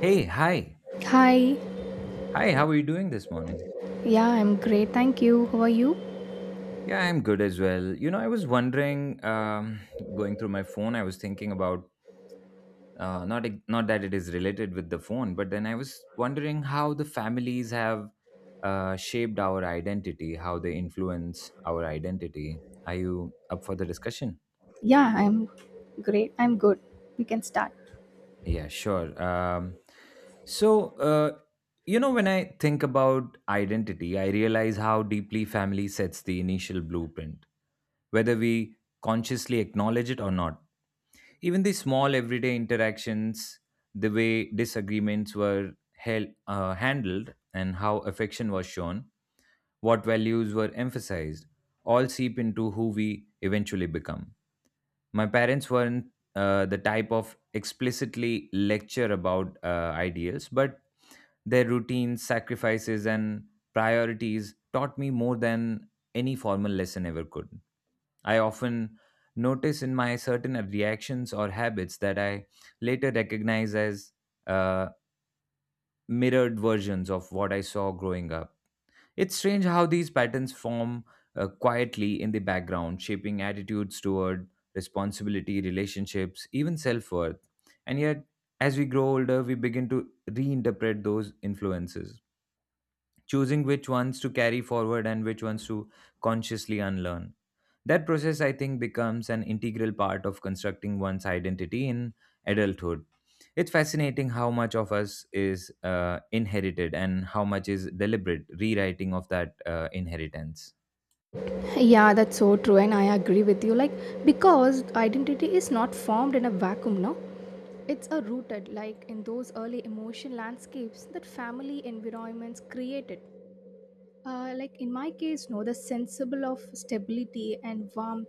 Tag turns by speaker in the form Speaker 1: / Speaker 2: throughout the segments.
Speaker 1: Hey, hi.
Speaker 2: Hi.
Speaker 1: Hi, how are you doing this morning?
Speaker 2: Yeah, I'm great. Thank you. How are you?
Speaker 1: Yeah, I'm good as well. You know, I was wondering, going through my phone, I was thinking about not that it is related with the phone, but then I was wondering how the families have shaped our identity, how they influence our identity. Are you up for the discussion?
Speaker 2: Yeah, I'm great. I'm good. We can start.
Speaker 1: Yeah, sure. So, uh, you know, when I think about identity, I realize how deeply family sets the initial blueprint, whether we consciously acknowledge it or not. Even the small everyday interactions, the way handled, and how affection was shown, what values were emphasized, all seep into who we eventually become. My parents weren't the type of explicitly lecture about ideals, but their routines, sacrifices, and priorities taught me more than any formal lesson ever could. I often notice in my certain reactions or habits that I later recognize as uh, mirrored versions of what I saw growing up. It's strange how these patterns form quietly in the background, shaping attitudes toward responsibility, relationships, even self worth. And yet, as we grow older, we begin to reinterpret those influences, choosing which ones to carry forward and which ones to consciously unlearn. That process, I think, becomes an integral part of constructing one's identity in adulthood. It's fascinating how much of us is inherited and how much is deliberate rewriting of that inheritance.
Speaker 2: Yeah, that's so true. And I agree with you. Like, because identity is not formed in a vacuum, no? It's a rooted, like in those early emotion landscapes that family environments created. Like in my case, no, the sensible of stability and warmth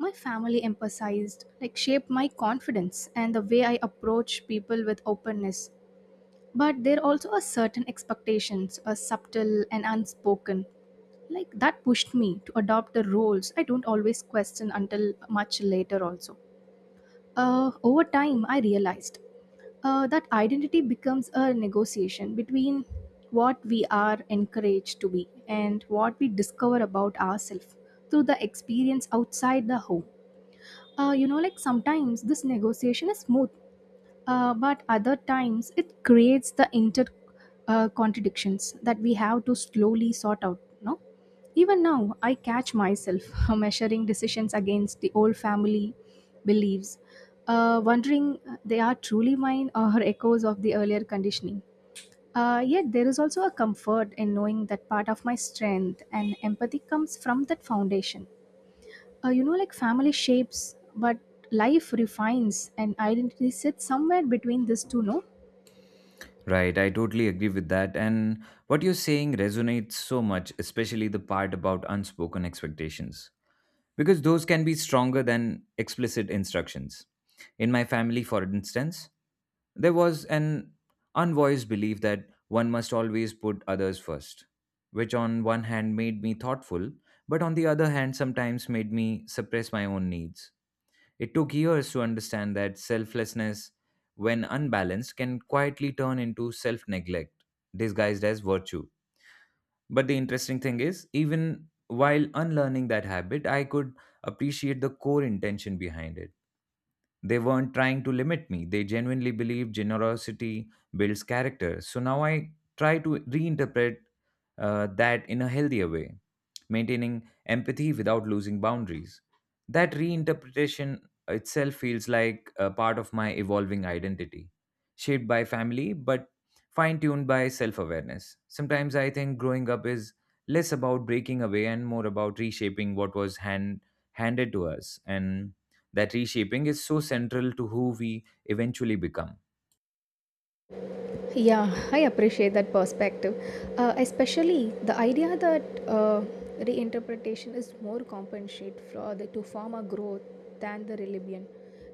Speaker 2: my family emphasized, like shaped my confidence and the way I approach people with openness. But there also are certain expectations, are subtle and unspoken. Like that pushed me to adopt the roles I don't always question until much later also. Over time, I realized that identity becomes a negotiation between what we are encouraged to be and what we discover about ourselves through the experience outside the home. You know, like sometimes this negotiation is smooth, but other times it creates the inter contradictions that we have to slowly sort out, no? Even now I catch myself measuring decisions against the old family beliefs, wondering they are truly mine or echoes of the earlier conditioning. Yet there is also a comfort in knowing that part of my strength and empathy comes from that foundation. You know, like family shapes, but life refines and identity sits somewhere between these two, no?
Speaker 1: Right, I totally agree with that. And what you're saying resonates so much, especially the part about unspoken expectations, because those can be stronger than explicit instructions. In my family, for instance, there was an unvoiced belief that one must always put others first, which on one hand made me thoughtful, but on the other hand sometimes made me suppress my own needs. It took years to understand that selflessness, when unbalanced, can quietly turn into self neglect, disguised as virtue. But the interesting thing is, even while unlearning that habit, I could appreciate the core intention behind it. They weren't trying to limit me. They genuinely believe generosity builds character. So now I try to reinterpret that in a healthier way, maintaining empathy without losing boundaries. That reinterpretation itself feels like a part of my evolving identity, shaped by family but fine tuned by self awareness. Sometimes I think growing up is less about breaking away and more about reshaping what was handed to us, and that reshaping is so central to who we eventually become.
Speaker 2: Yeah, I appreciate that perspective. Especially the idea that uh, reinterpretation is more compensate for the, to form a growth than the rebellion.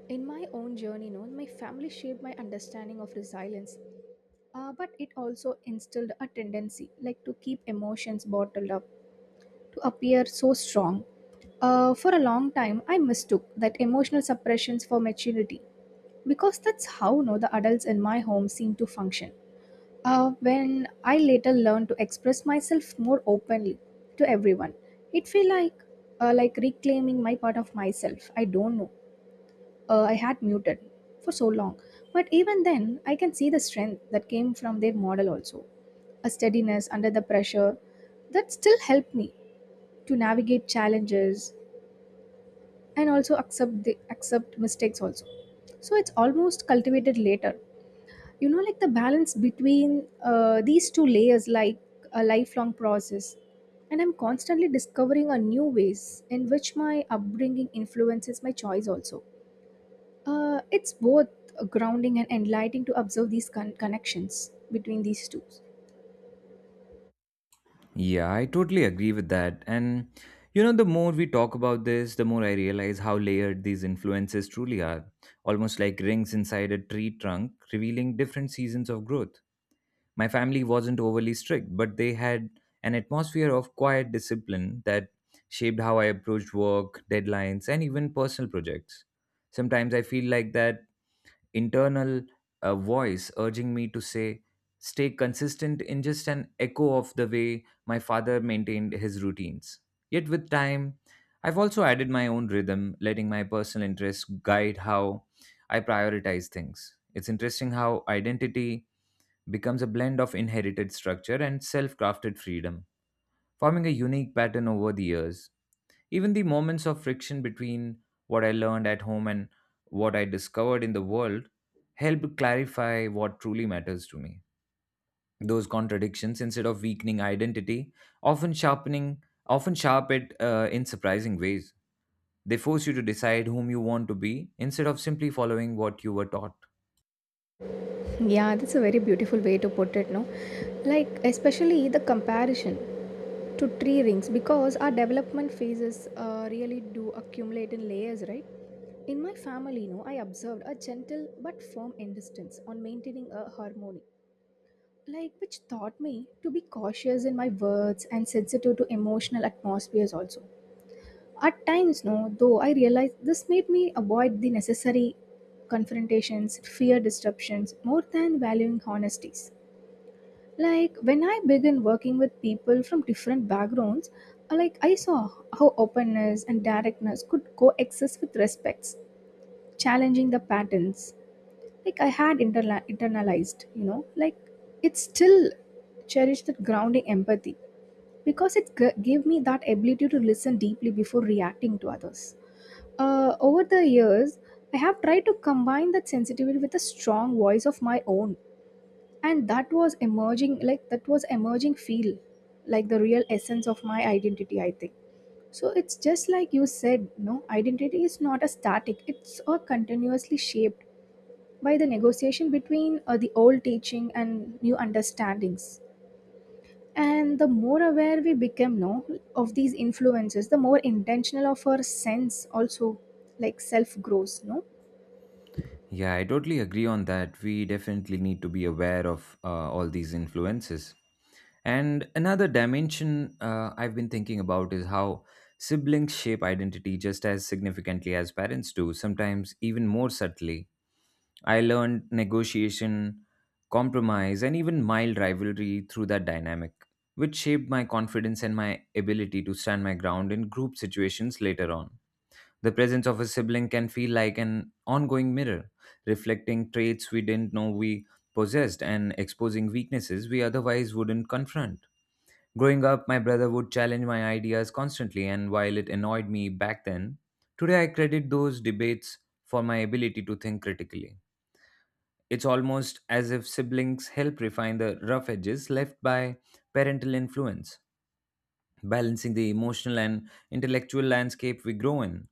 Speaker 2: In my own journey, no, my family shaped my understanding of resilience, but it also instilled a tendency like to keep emotions bottled up to appear so strong. For a long time, I mistook that emotional suppressions for maturity because that's how, no, the adults in my home seem to function. When I later learned to express myself more openly to everyone, it felt like reclaiming my part of myself. I don't know, I had muted for so long. But even then, I can see the strength that came from their model also. A steadiness under the pressure that still helped me to navigate challenges and also accept the, accept mistakes also. So it's almost cultivated later. You know, like the balance between these two layers, like a lifelong process. And I'm constantly discovering a new ways in which my upbringing influences my choice also. It's both grounding and enlightening to observe these connections between these two.
Speaker 1: Yeah, I totally agree with that. And you know, the more we talk about this, the more I realize how layered these influences truly are, almost like rings inside a tree trunk, revealing different seasons of growth. My family wasn't overly strict, but they had an atmosphere of quiet discipline that shaped how I approached work, deadlines, and even personal projects. Sometimes I feel like that internal voice urging me to say, stay consistent, in just an echo of the way my father maintained his routines. Yet with time, I've also added my own rhythm, letting my personal interests guide how I prioritize things. It's interesting how identity becomes a blend of inherited structure and self crafted freedom, forming a unique pattern over the years. Even the moments of friction between what I learned at home and what I discovered in the world helped clarify what truly matters to me. Those contradictions, instead of weakening identity, often sharp it in surprising ways. They force you to decide whom you want to be instead of simply following what you were taught.
Speaker 2: Yeah, that's a very beautiful way to put it, no? Like, especially the comparison to tree rings because our development phases really do accumulate in layers, right? In my family, no, I observed a gentle but firm insistence on maintaining a harmony, like which taught me to be cautious in my words and sensitive to emotional atmospheres also. At times, no, though, I realized this made me avoid the necessary confrontations, fear disruptions, more than valuing honesties. Like when I began working with people from different backgrounds, like I saw how openness and directness could coexist with respects, challenging the patterns. Like I had internalized, you know, like it still cherished that grounding empathy because it gave me that ability to listen deeply before reacting to others. Over the years, I have tried to combine that sensitivity with a strong voice of my own, and that was emerging, like that was emerging feel like the real essence of my identity, I think. So it's just like you said, no, identity is not a static, it's a continuously shaped by the negotiation between the old teaching and new understandings. And the more aware we become, no, of these influences, the more intentional of our sense also, like self grows, no?
Speaker 1: Yeah, I totally agree on that. We definitely need to be aware of all these influences. And another dimension I've been thinking about is how siblings shape identity just as significantly as parents do, sometimes even more subtly. I learned negotiation, compromise, and even mild rivalry through that dynamic, which shaped my confidence and my ability to stand my ground in group situations later on. The presence of a sibling can feel like an ongoing mirror, reflecting traits we didn't know we possessed and exposing weaknesses we otherwise wouldn't confront. Growing up, my brother would challenge my ideas constantly, and while it annoyed me back then, today I credit those debates for my ability to think critically. It's almost as if siblings help refine the rough edges left by parental influence, balancing the emotional and intellectual landscape we grow in.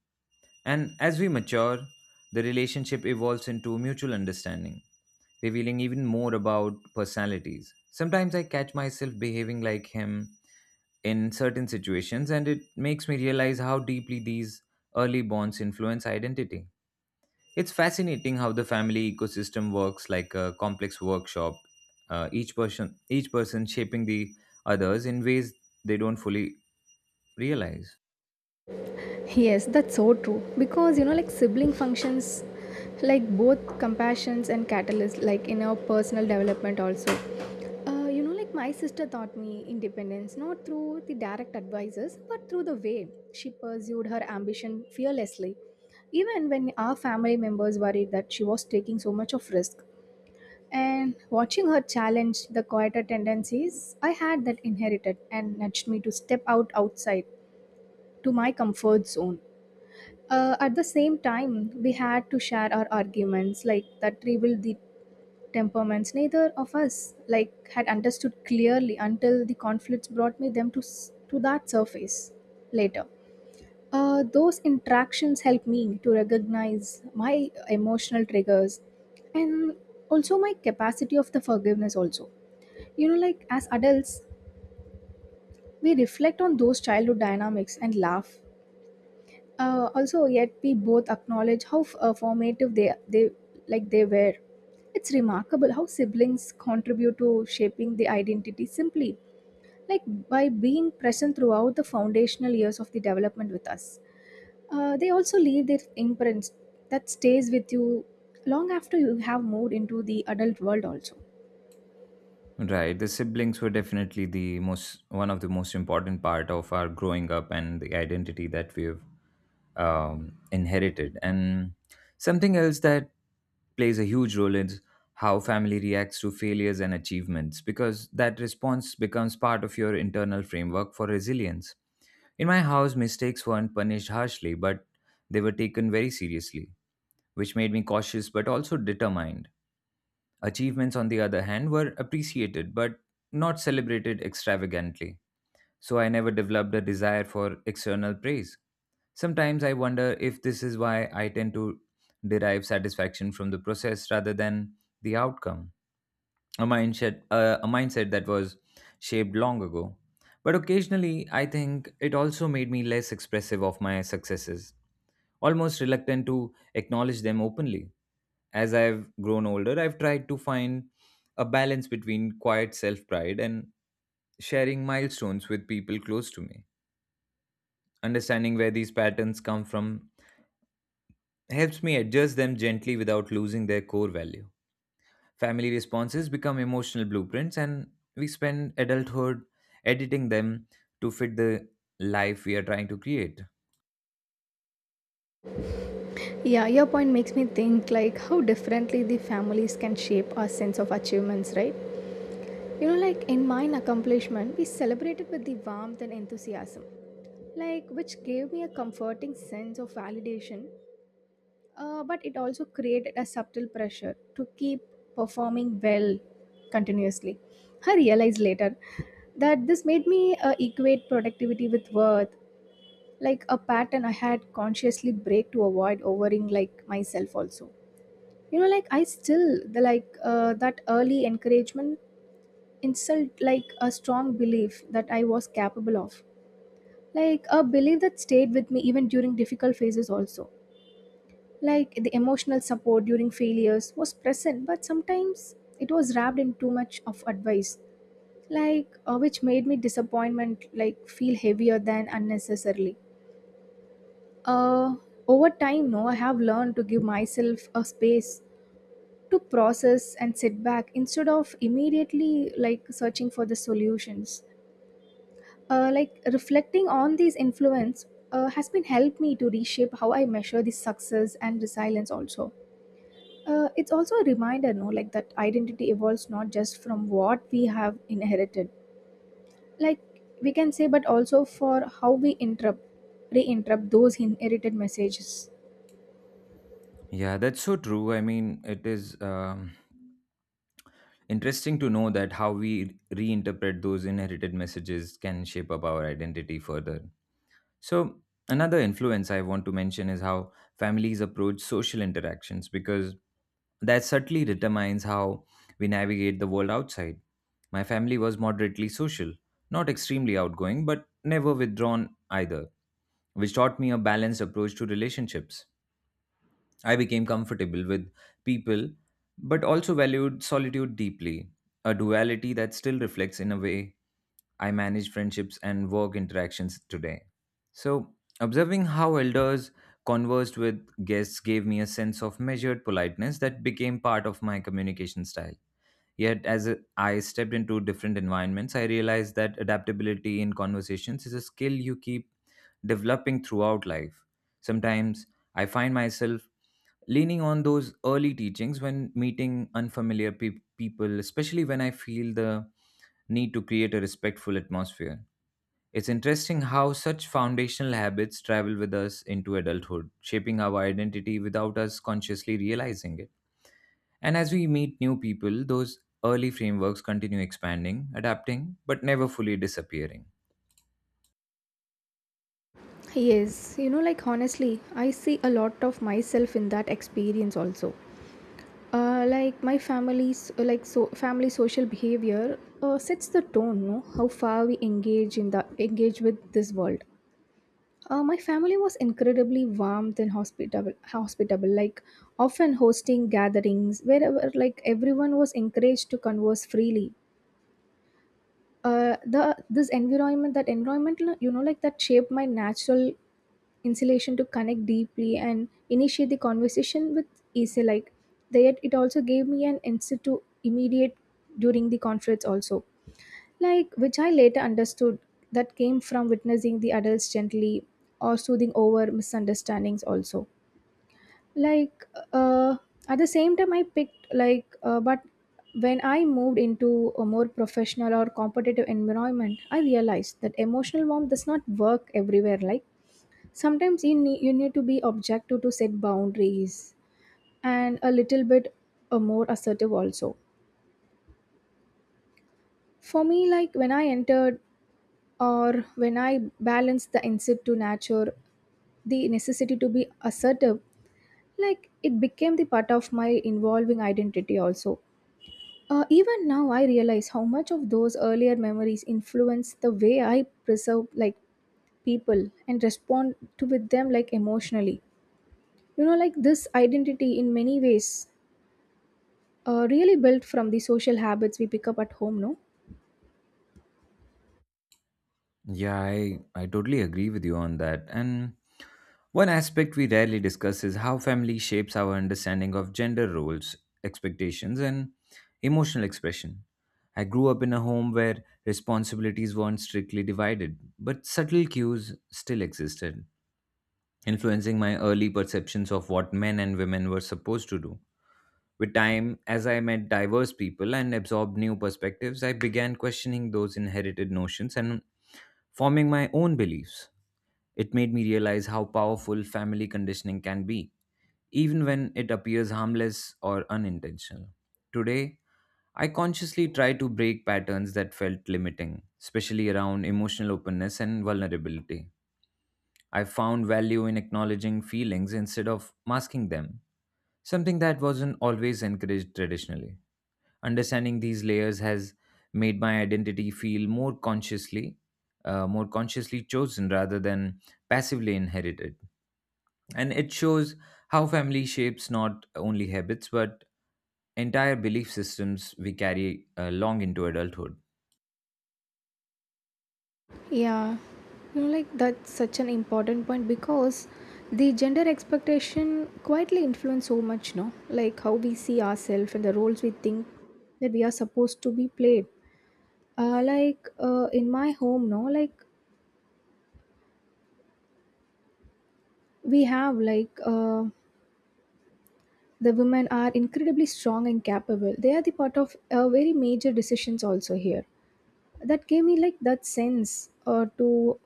Speaker 1: And as we mature, the relationship evolves into mutual understanding, revealing even more about personalities. Sometimes I catch myself behaving like him in certain situations, and it makes me realize how deeply these early bonds influence identity. It's fascinating how the family ecosystem works like a complex workshop, each person shaping the others in ways they don't fully realize.
Speaker 2: Yes, that's so true. Because you know, like sibling functions, like both compassions and catalyst, like in our personal development also. You know, like my sister taught me independence not through the direct advices, but through the way she pursued her ambition fearlessly, even when our family members worried that she was taking so much of risk. And watching her challenge the quieter tendencies I had that inherited and nudged me to step out outside to my comfort zone. At the same time, we had to share our arguments, like that revealed the temperaments. Neither of us like had understood clearly until the conflicts brought me them to to that surface later. Those interactions helped me to recognize my emotional triggers and also my capacity of the forgiveness also. You know, like as adults we reflect on those childhood dynamics and laugh. Also, yet we both acknowledge how formative they like they were. It's remarkable how siblings contribute to shaping the identity simply, like by being present throughout the foundational years of the development with us. They also leave their imprints that stays with you long after you have moved into the adult world also.
Speaker 1: Right, the siblings were definitely the most one of the most important part of our growing up and the identity that we've inherited. And something else that plays a huge role is how family reacts to failures and achievements, because that response becomes part of your internal framework for resilience. In my house, mistakes weren't punished harshly, but they were taken very seriously, which made me cautious but also determined. Achievements, on the other hand, were appreciated but not celebrated extravagantly, so I never developed a desire for external praise. Sometimes I wonder if this is why I tend to derive satisfaction from the process rather than the outcome, a mindset that was shaped long ago. But occasionally, I think it also made me less expressive of my successes, almost reluctant to acknowledge them openly. As I've grown older, I've tried to find a balance between quiet self pride and sharing milestones with people close to me. Understanding where these patterns come from helps me adjust them gently without losing their core value. Family responses become emotional blueprints, and we spend adulthood editing them to fit the life we are trying to create.
Speaker 2: Yeah, your point makes me think like how differently the families can shape our sense of achievements, right? You know, like in mine accomplishment, we celebrated with the warmth and enthusiasm, like which gave me a comforting sense of validation, but it also created a subtle pressure to keep performing well continuously. I realized later that this made me equate productivity with worth, like a pattern I had consciously break to avoid overing like myself also. You know, like I still the like that early encouragement insult like a strong belief that I was capable of. Like a belief that stayed with me even during difficult phases, also. Like the emotional support during failures was present, but sometimes it was wrapped in too much of advice, like which made me disappointment like feel heavier than unnecessarily. Uh, Over time, no, I have learned to give myself a space to process and sit back instead of immediately like searching for the solutions. Like reflecting on these influence has been helped me to reshape how I measure the success and resilience also. It's also a reminder, no, like that identity evolves not just from what we have inherited, like we can say, but also for how we interrupt, re-interrupt those inherited messages.
Speaker 1: Yeah, that's so true. I mean, it is interesting to know that how we reinterpret those inherited messages can shape up our identity further. So, another influence I want to mention is how families approach social interactions, because that subtly determines how we navigate the world outside. My family was moderately social, not extremely outgoing, but never withdrawn either, which taught me a balanced approach to relationships. I became comfortable with people, but also valued solitude deeply, a duality that still reflects in a way I manage friendships and work interactions today. So, observing how elders conversed with guests gave me a sense of measured politeness that became part of my communication style. Yet, as I stepped into different environments, I realized that adaptability in conversations is a skill you keep developing throughout life. Sometimes I find myself leaning on those early teachings when meeting unfamiliar people, especially when I feel the need to create a respectful atmosphere. It's interesting how such foundational habits travel with us into adulthood, shaping our identity without us consciously realizing it. And as we meet new people, those early frameworks continue expanding, adapting, but never fully disappearing.
Speaker 2: Yes, you know, like honestly, I see a lot of myself in that experience also. Like my family's like so family social behavior sets the tone, no, how far we engage in the engage with this world. My family was incredibly warm and hospitable, like often hosting gatherings wherever, like everyone was encouraged to converse freely. The This environment, that environment, you know, like that shaped my natural insulation to connect deeply and initiate the conversation with easy, like. Yet it also gave me an insight to immediate during the conference also, like, which I later understood that came from witnessing the adults gently or soothing over misunderstandings also, like. uh, at the same time, I picked like, but when I moved into a more professional or competitive environment, I realized that emotional warmth does not work everywhere, like sometimes you need to be objective to set boundaries and a little bit more assertive also. For me, like when I entered or when I balanced the instinct to nature the necessity to be assertive, like it became the part of my involving identity also. Even now I realize how much of those earlier memories influence the way I preserve like people and respond to with them like emotionally. You know, like this identity in many ways really built from the social habits we pick up at home, no?
Speaker 1: Yeah, I totally agree with you on that. And one aspect we rarely discuss is how family shapes our understanding of gender roles, expectations, and emotional expression. I grew up in a home where responsibilities weren't strictly divided, but subtle cues still existed, influencing my early perceptions of what men and women were supposed to do. With time, as I met diverse people and absorbed new perspectives, I began questioning those inherited notions and forming my own beliefs. It made me realize how powerful family conditioning can be, even when it appears harmless or unintentional. Today, I consciously try to break patterns that felt limiting, especially around emotional openness and vulnerability. I found value in acknowledging feelings instead of masking them, something that wasn't always encouraged traditionally. Understanding these layers has made my identity feel more consciously chosen rather than passively inherited. And it shows how family shapes not only habits but entire belief systems we carry long into adulthood.
Speaker 2: Yeah, you know, like that's such an important point because the gender expectation quietly influence so much, no? Like how we see ourselves and the roles we think that we are supposed to be played. In my home, no, like we have like the women are incredibly strong and capable. They are the part of very major decisions also here. That gave me like that sense to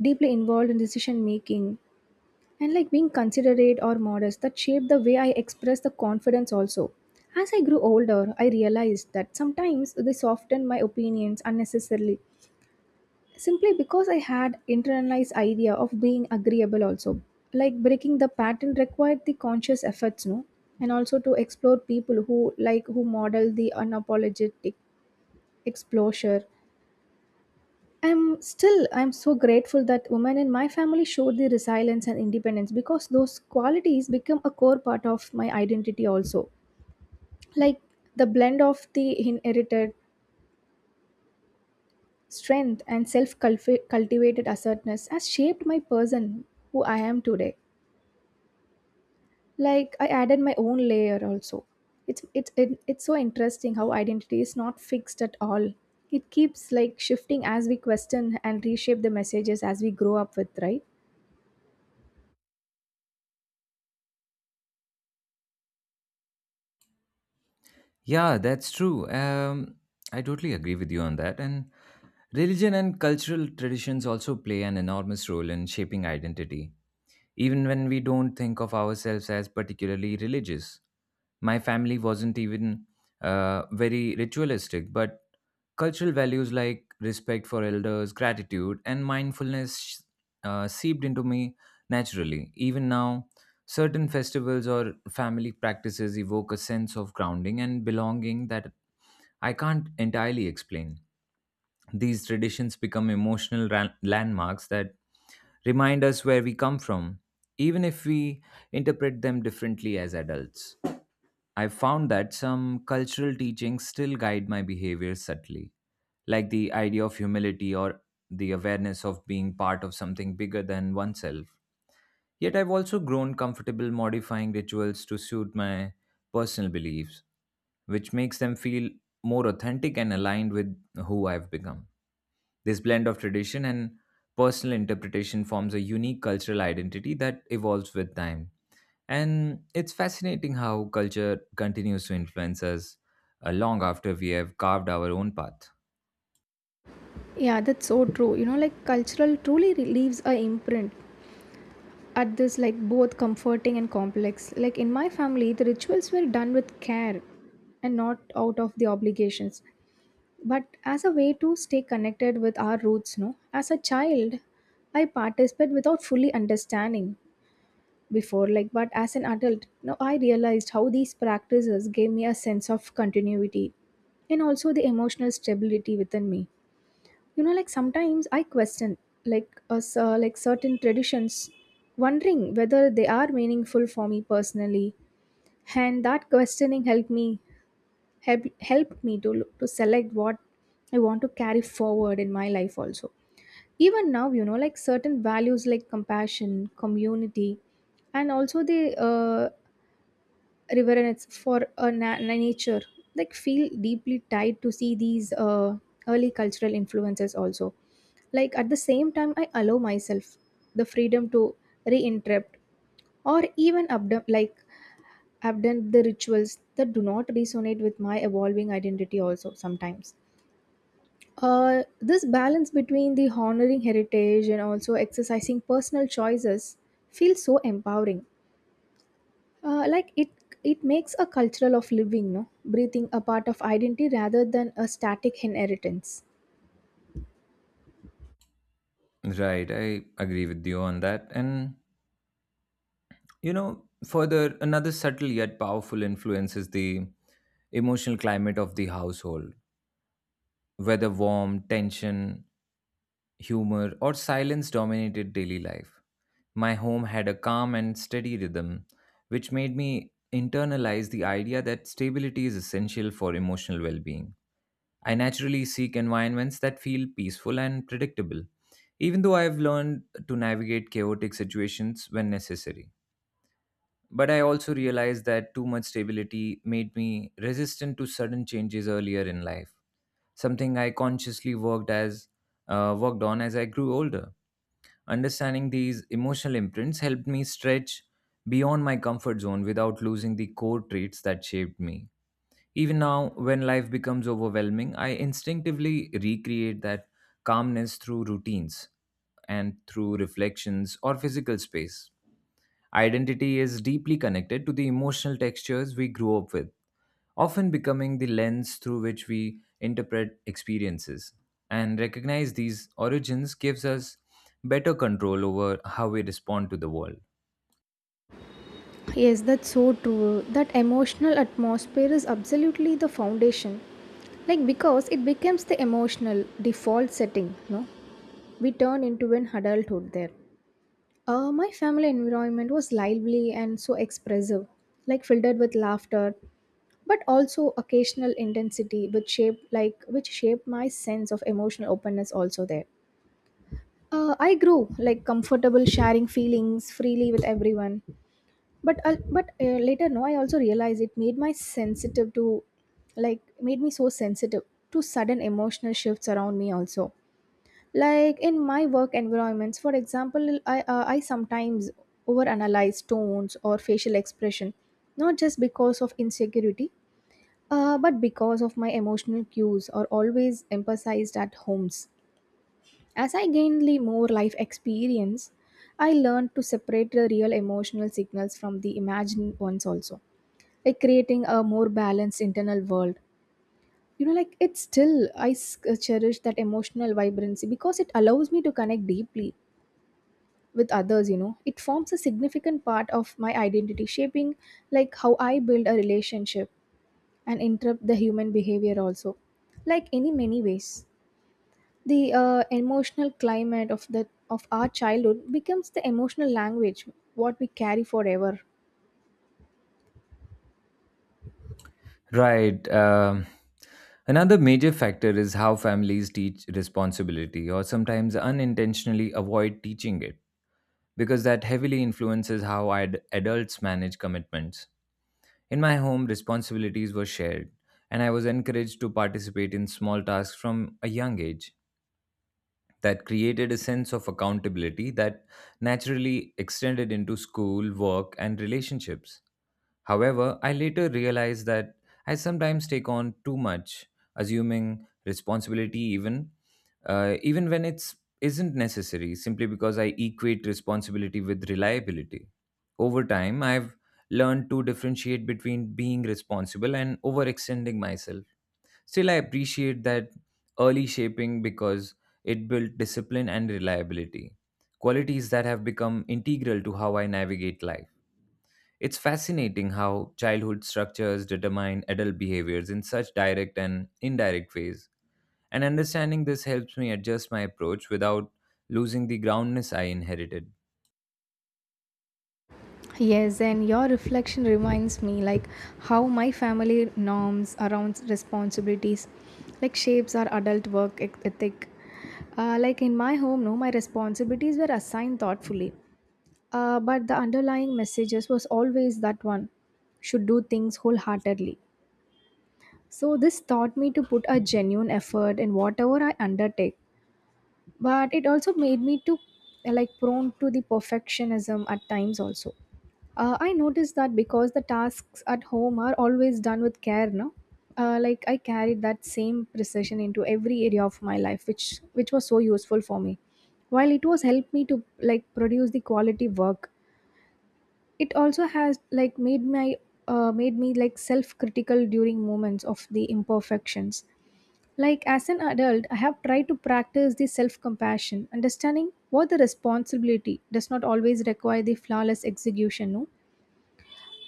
Speaker 2: deeply involved in decision making and like being considerate or modest that shaped the way I express the confidence also. As I grew older I realized that sometimes they softened my opinions unnecessarily simply because I had internalized idea of being agreeable also. Like breaking the pattern required the conscious efforts, no, and also to explore people who like who model the unapologetic exposure. I'm still, I'm so grateful that women in my family showed the resilience and independence because those qualities become a core part of my identity also. Like the blend of the inherited strength and self-cultivated assertiveness has shaped my person who I am today. Like I added my own layer also. It's so interesting how identity is not fixed at all. It keeps like shifting as we question and reshape the messages as we grow up with, right?
Speaker 1: Yeah, that's true. I totally agree with you on that. And religion and cultural traditions also play an enormous role in shaping identity, even when we don't think of ourselves as particularly religious. My family wasn't even very ritualistic, but cultural values like respect for elders, gratitude, and mindfulness seeped into me naturally. Even now, certain festivals or family practices evoke a sense of grounding and belonging that I can't entirely explain. These traditions become emotional landmarks that remind us where we come from, even if we interpret them differently as adults. I have found that some cultural teachings still guide my behavior subtly, like the idea of humility or the awareness of being part of something bigger than oneself. Yet I've also grown comfortable modifying rituals to suit my personal beliefs, which makes them feel more authentic and aligned with who I've become. This blend of tradition and personal interpretation forms a unique cultural identity that evolves with time. And it's fascinating how culture continues to influence us long after we have carved our own path.
Speaker 2: Yeah, that's so true. You know, like cultural truly leaves a imprint at this like both comforting and complex. Like in my family, the rituals were done with care and not out of the obligations, but as a way to stay connected with our roots, no? As a child, I participated without fully understanding before like but as an adult no, I realized how these practices gave me a sense of continuity and also the emotional stability within me, you know, like sometimes I question like us, like certain traditions, wondering whether they are meaningful for me personally, and that questioning helped me help helped me to to select what I want to carry forward in my life also. Even now, you know, like certain values like compassion, community, and also the uh, reverence for a nature like feel deeply tied to see these, early cultural influences also. Like at the same time, I allow myself the freedom to reinterrupt or even abandon the rituals that do not resonate with my evolving identity also sometimes. This balance between the honoring heritage and also exercising personal choices feels so empowering. Like it makes a cultural of living, no, breathing a part of identity rather than a static inheritance.
Speaker 1: Right, I agree with you on that. And, you know, further, another subtle yet powerful influence is the emotional climate of the household, whether warm, tension, humor, or silence dominated daily life. My home had a calm and steady rhythm, which made me internalize the idea that stability is essential for emotional well being. I naturally seek environments that feel peaceful and predictable, even though I've learned to navigate chaotic situations when necessary. But I also realized that too much stability made me resistant to sudden changes earlier in life, something I consciously worked on as I grew older. Understanding these emotional imprints helped me stretch beyond my comfort zone without losing the core traits that shaped me. Even now, when life becomes overwhelming, I instinctively recreate that calmness through routines and through reflections or physical space. Identity is deeply connected to the emotional textures we grew up with, often becoming the lens through which we interpret experiences. And recognize these origins gives us better control over how we respond to the world.
Speaker 2: Yes, that's so true. That emotional atmosphere is absolutely the foundation, like because it becomes the emotional default setting, no, we turn into an adulthood there. My family environment was lively and so expressive, like filled with laughter, but also occasional intensity, which shaped my sense of emotional openness also there. I grew like comfortable sharing feelings freely with everyone, but later no, I also realized it made my sensitive to, like made me so sensitive to sudden emotional shifts around me also. Like in my work environments, for example, I sometimes overanalyze tones or facial expression, not just because of insecurity, but because of my emotional cues are always emphasized at homes. As I gained the more life experience, I learned to separate the real emotional signals from the imagined ones also, like creating a more balanced internal world. You know, like it's still, cherish that emotional vibrancy because it allows me to connect deeply with others, you know. It forms a significant part of my identity, shaping like how I build a relationship and interrupt the human behavior also, like in many ways. The emotional climate of our childhood becomes the emotional language what we carry forever.
Speaker 1: Right. Another major factor is how families teach responsibility or sometimes unintentionally avoid teaching it because that heavily influences how adults manage commitments. In my home, responsibilities were shared and I was encouraged to participate in small tasks from a young age that created a sense of accountability that naturally extended into school, work, and relationships. However, I later realized that I sometimes take on too much, assuming responsibility even when it's isn't necessary simply because I equate responsibility with reliability. Over time, I've learned to differentiate between being responsible and overextending myself. Still, I appreciate that early shaping because it built discipline and reliability, qualities that have become integral to how I navigate life. It's fascinating how childhood structures determine adult behaviors in such direct and indirect ways, and understanding this helps me adjust my approach without losing the groundness I inherited.
Speaker 2: Yes, and your reflection reminds me like how my family norms around responsibilities like shapes our adult work ethic. Like in my home, no, my responsibilities were assigned thoughtfully, but the underlying messages was always that one should do things wholeheartedly. So this taught me to put a genuine effort in whatever I undertake, but it also made me to, like prone to the perfectionism at times also. I noticed that because the tasks at home are always done with care, no, like I carried that same precision into every area of my life, which was so useful for me. While it was helped me to like produce the quality work, it also has like made my, made me like self critical during moments of the imperfections. Like as an adult, I have tried to practice the self compassion, understanding what the responsibility does not always require the flawless execution, no?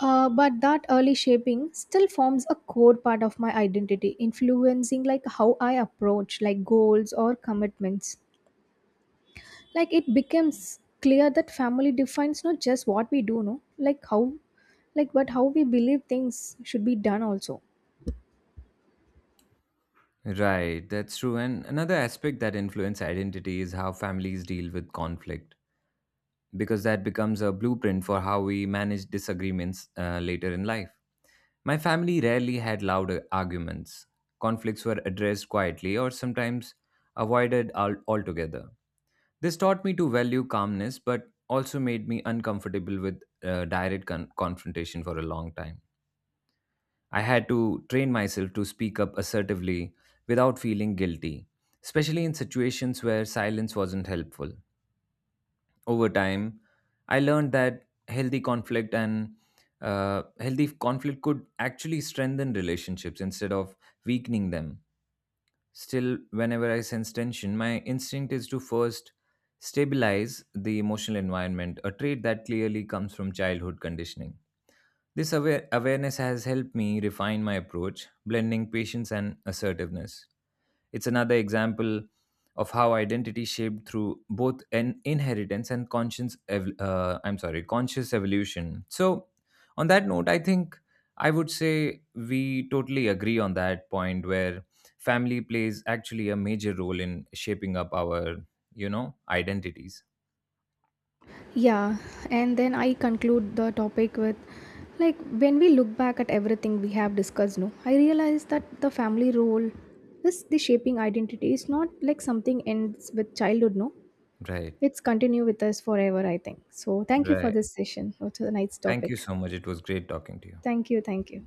Speaker 2: But that early shaping still forms a core part of my identity, influencing like how I approach like goals or commitments. Like it becomes clear that family defines not just what we do, no, like how, like but how we believe things should be done also.
Speaker 1: Right, that's true. And another aspect that influence identity is how families deal with conflict, because that becomes a blueprint for how we manage disagreements later in life. My family rarely had loud arguments. Conflicts were addressed quietly or sometimes avoided altogether. This taught me to value calmness but also made me uncomfortable with direct confrontation for a long time. I had to train myself to speak up assertively without feeling guilty, especially in situations where silence wasn't helpful. Over time, I learned that healthy conflict and healthy conflict could actually strengthen relationships instead of weakening them. Still, whenever I sense tension, my instinct is to first stabilize the emotional environment, a trait that clearly comes from childhood conditioning. This awareness has helped me refine my approach, blending patience and assertiveness. It's another example of how identity shaped through both an inheritance and I'm sorry, conscious evolution. So on that note, I think I would say we totally agree on that point where family plays actually a major role in shaping up our, you know, identities.
Speaker 2: Yeah, and then I conclude the topic with like when we look back at everything we have discussed, no, I realize that the family role, this the shaping identity is not like something ends with childhood, no.
Speaker 1: Right.
Speaker 2: It's continue with us forever, I think. So thank you for
Speaker 1: Right.
Speaker 2: this session. It was a nice
Speaker 1: Thank you
Speaker 2: topic.
Speaker 1: so much. It was great talking to you.
Speaker 2: Thank you, thank you.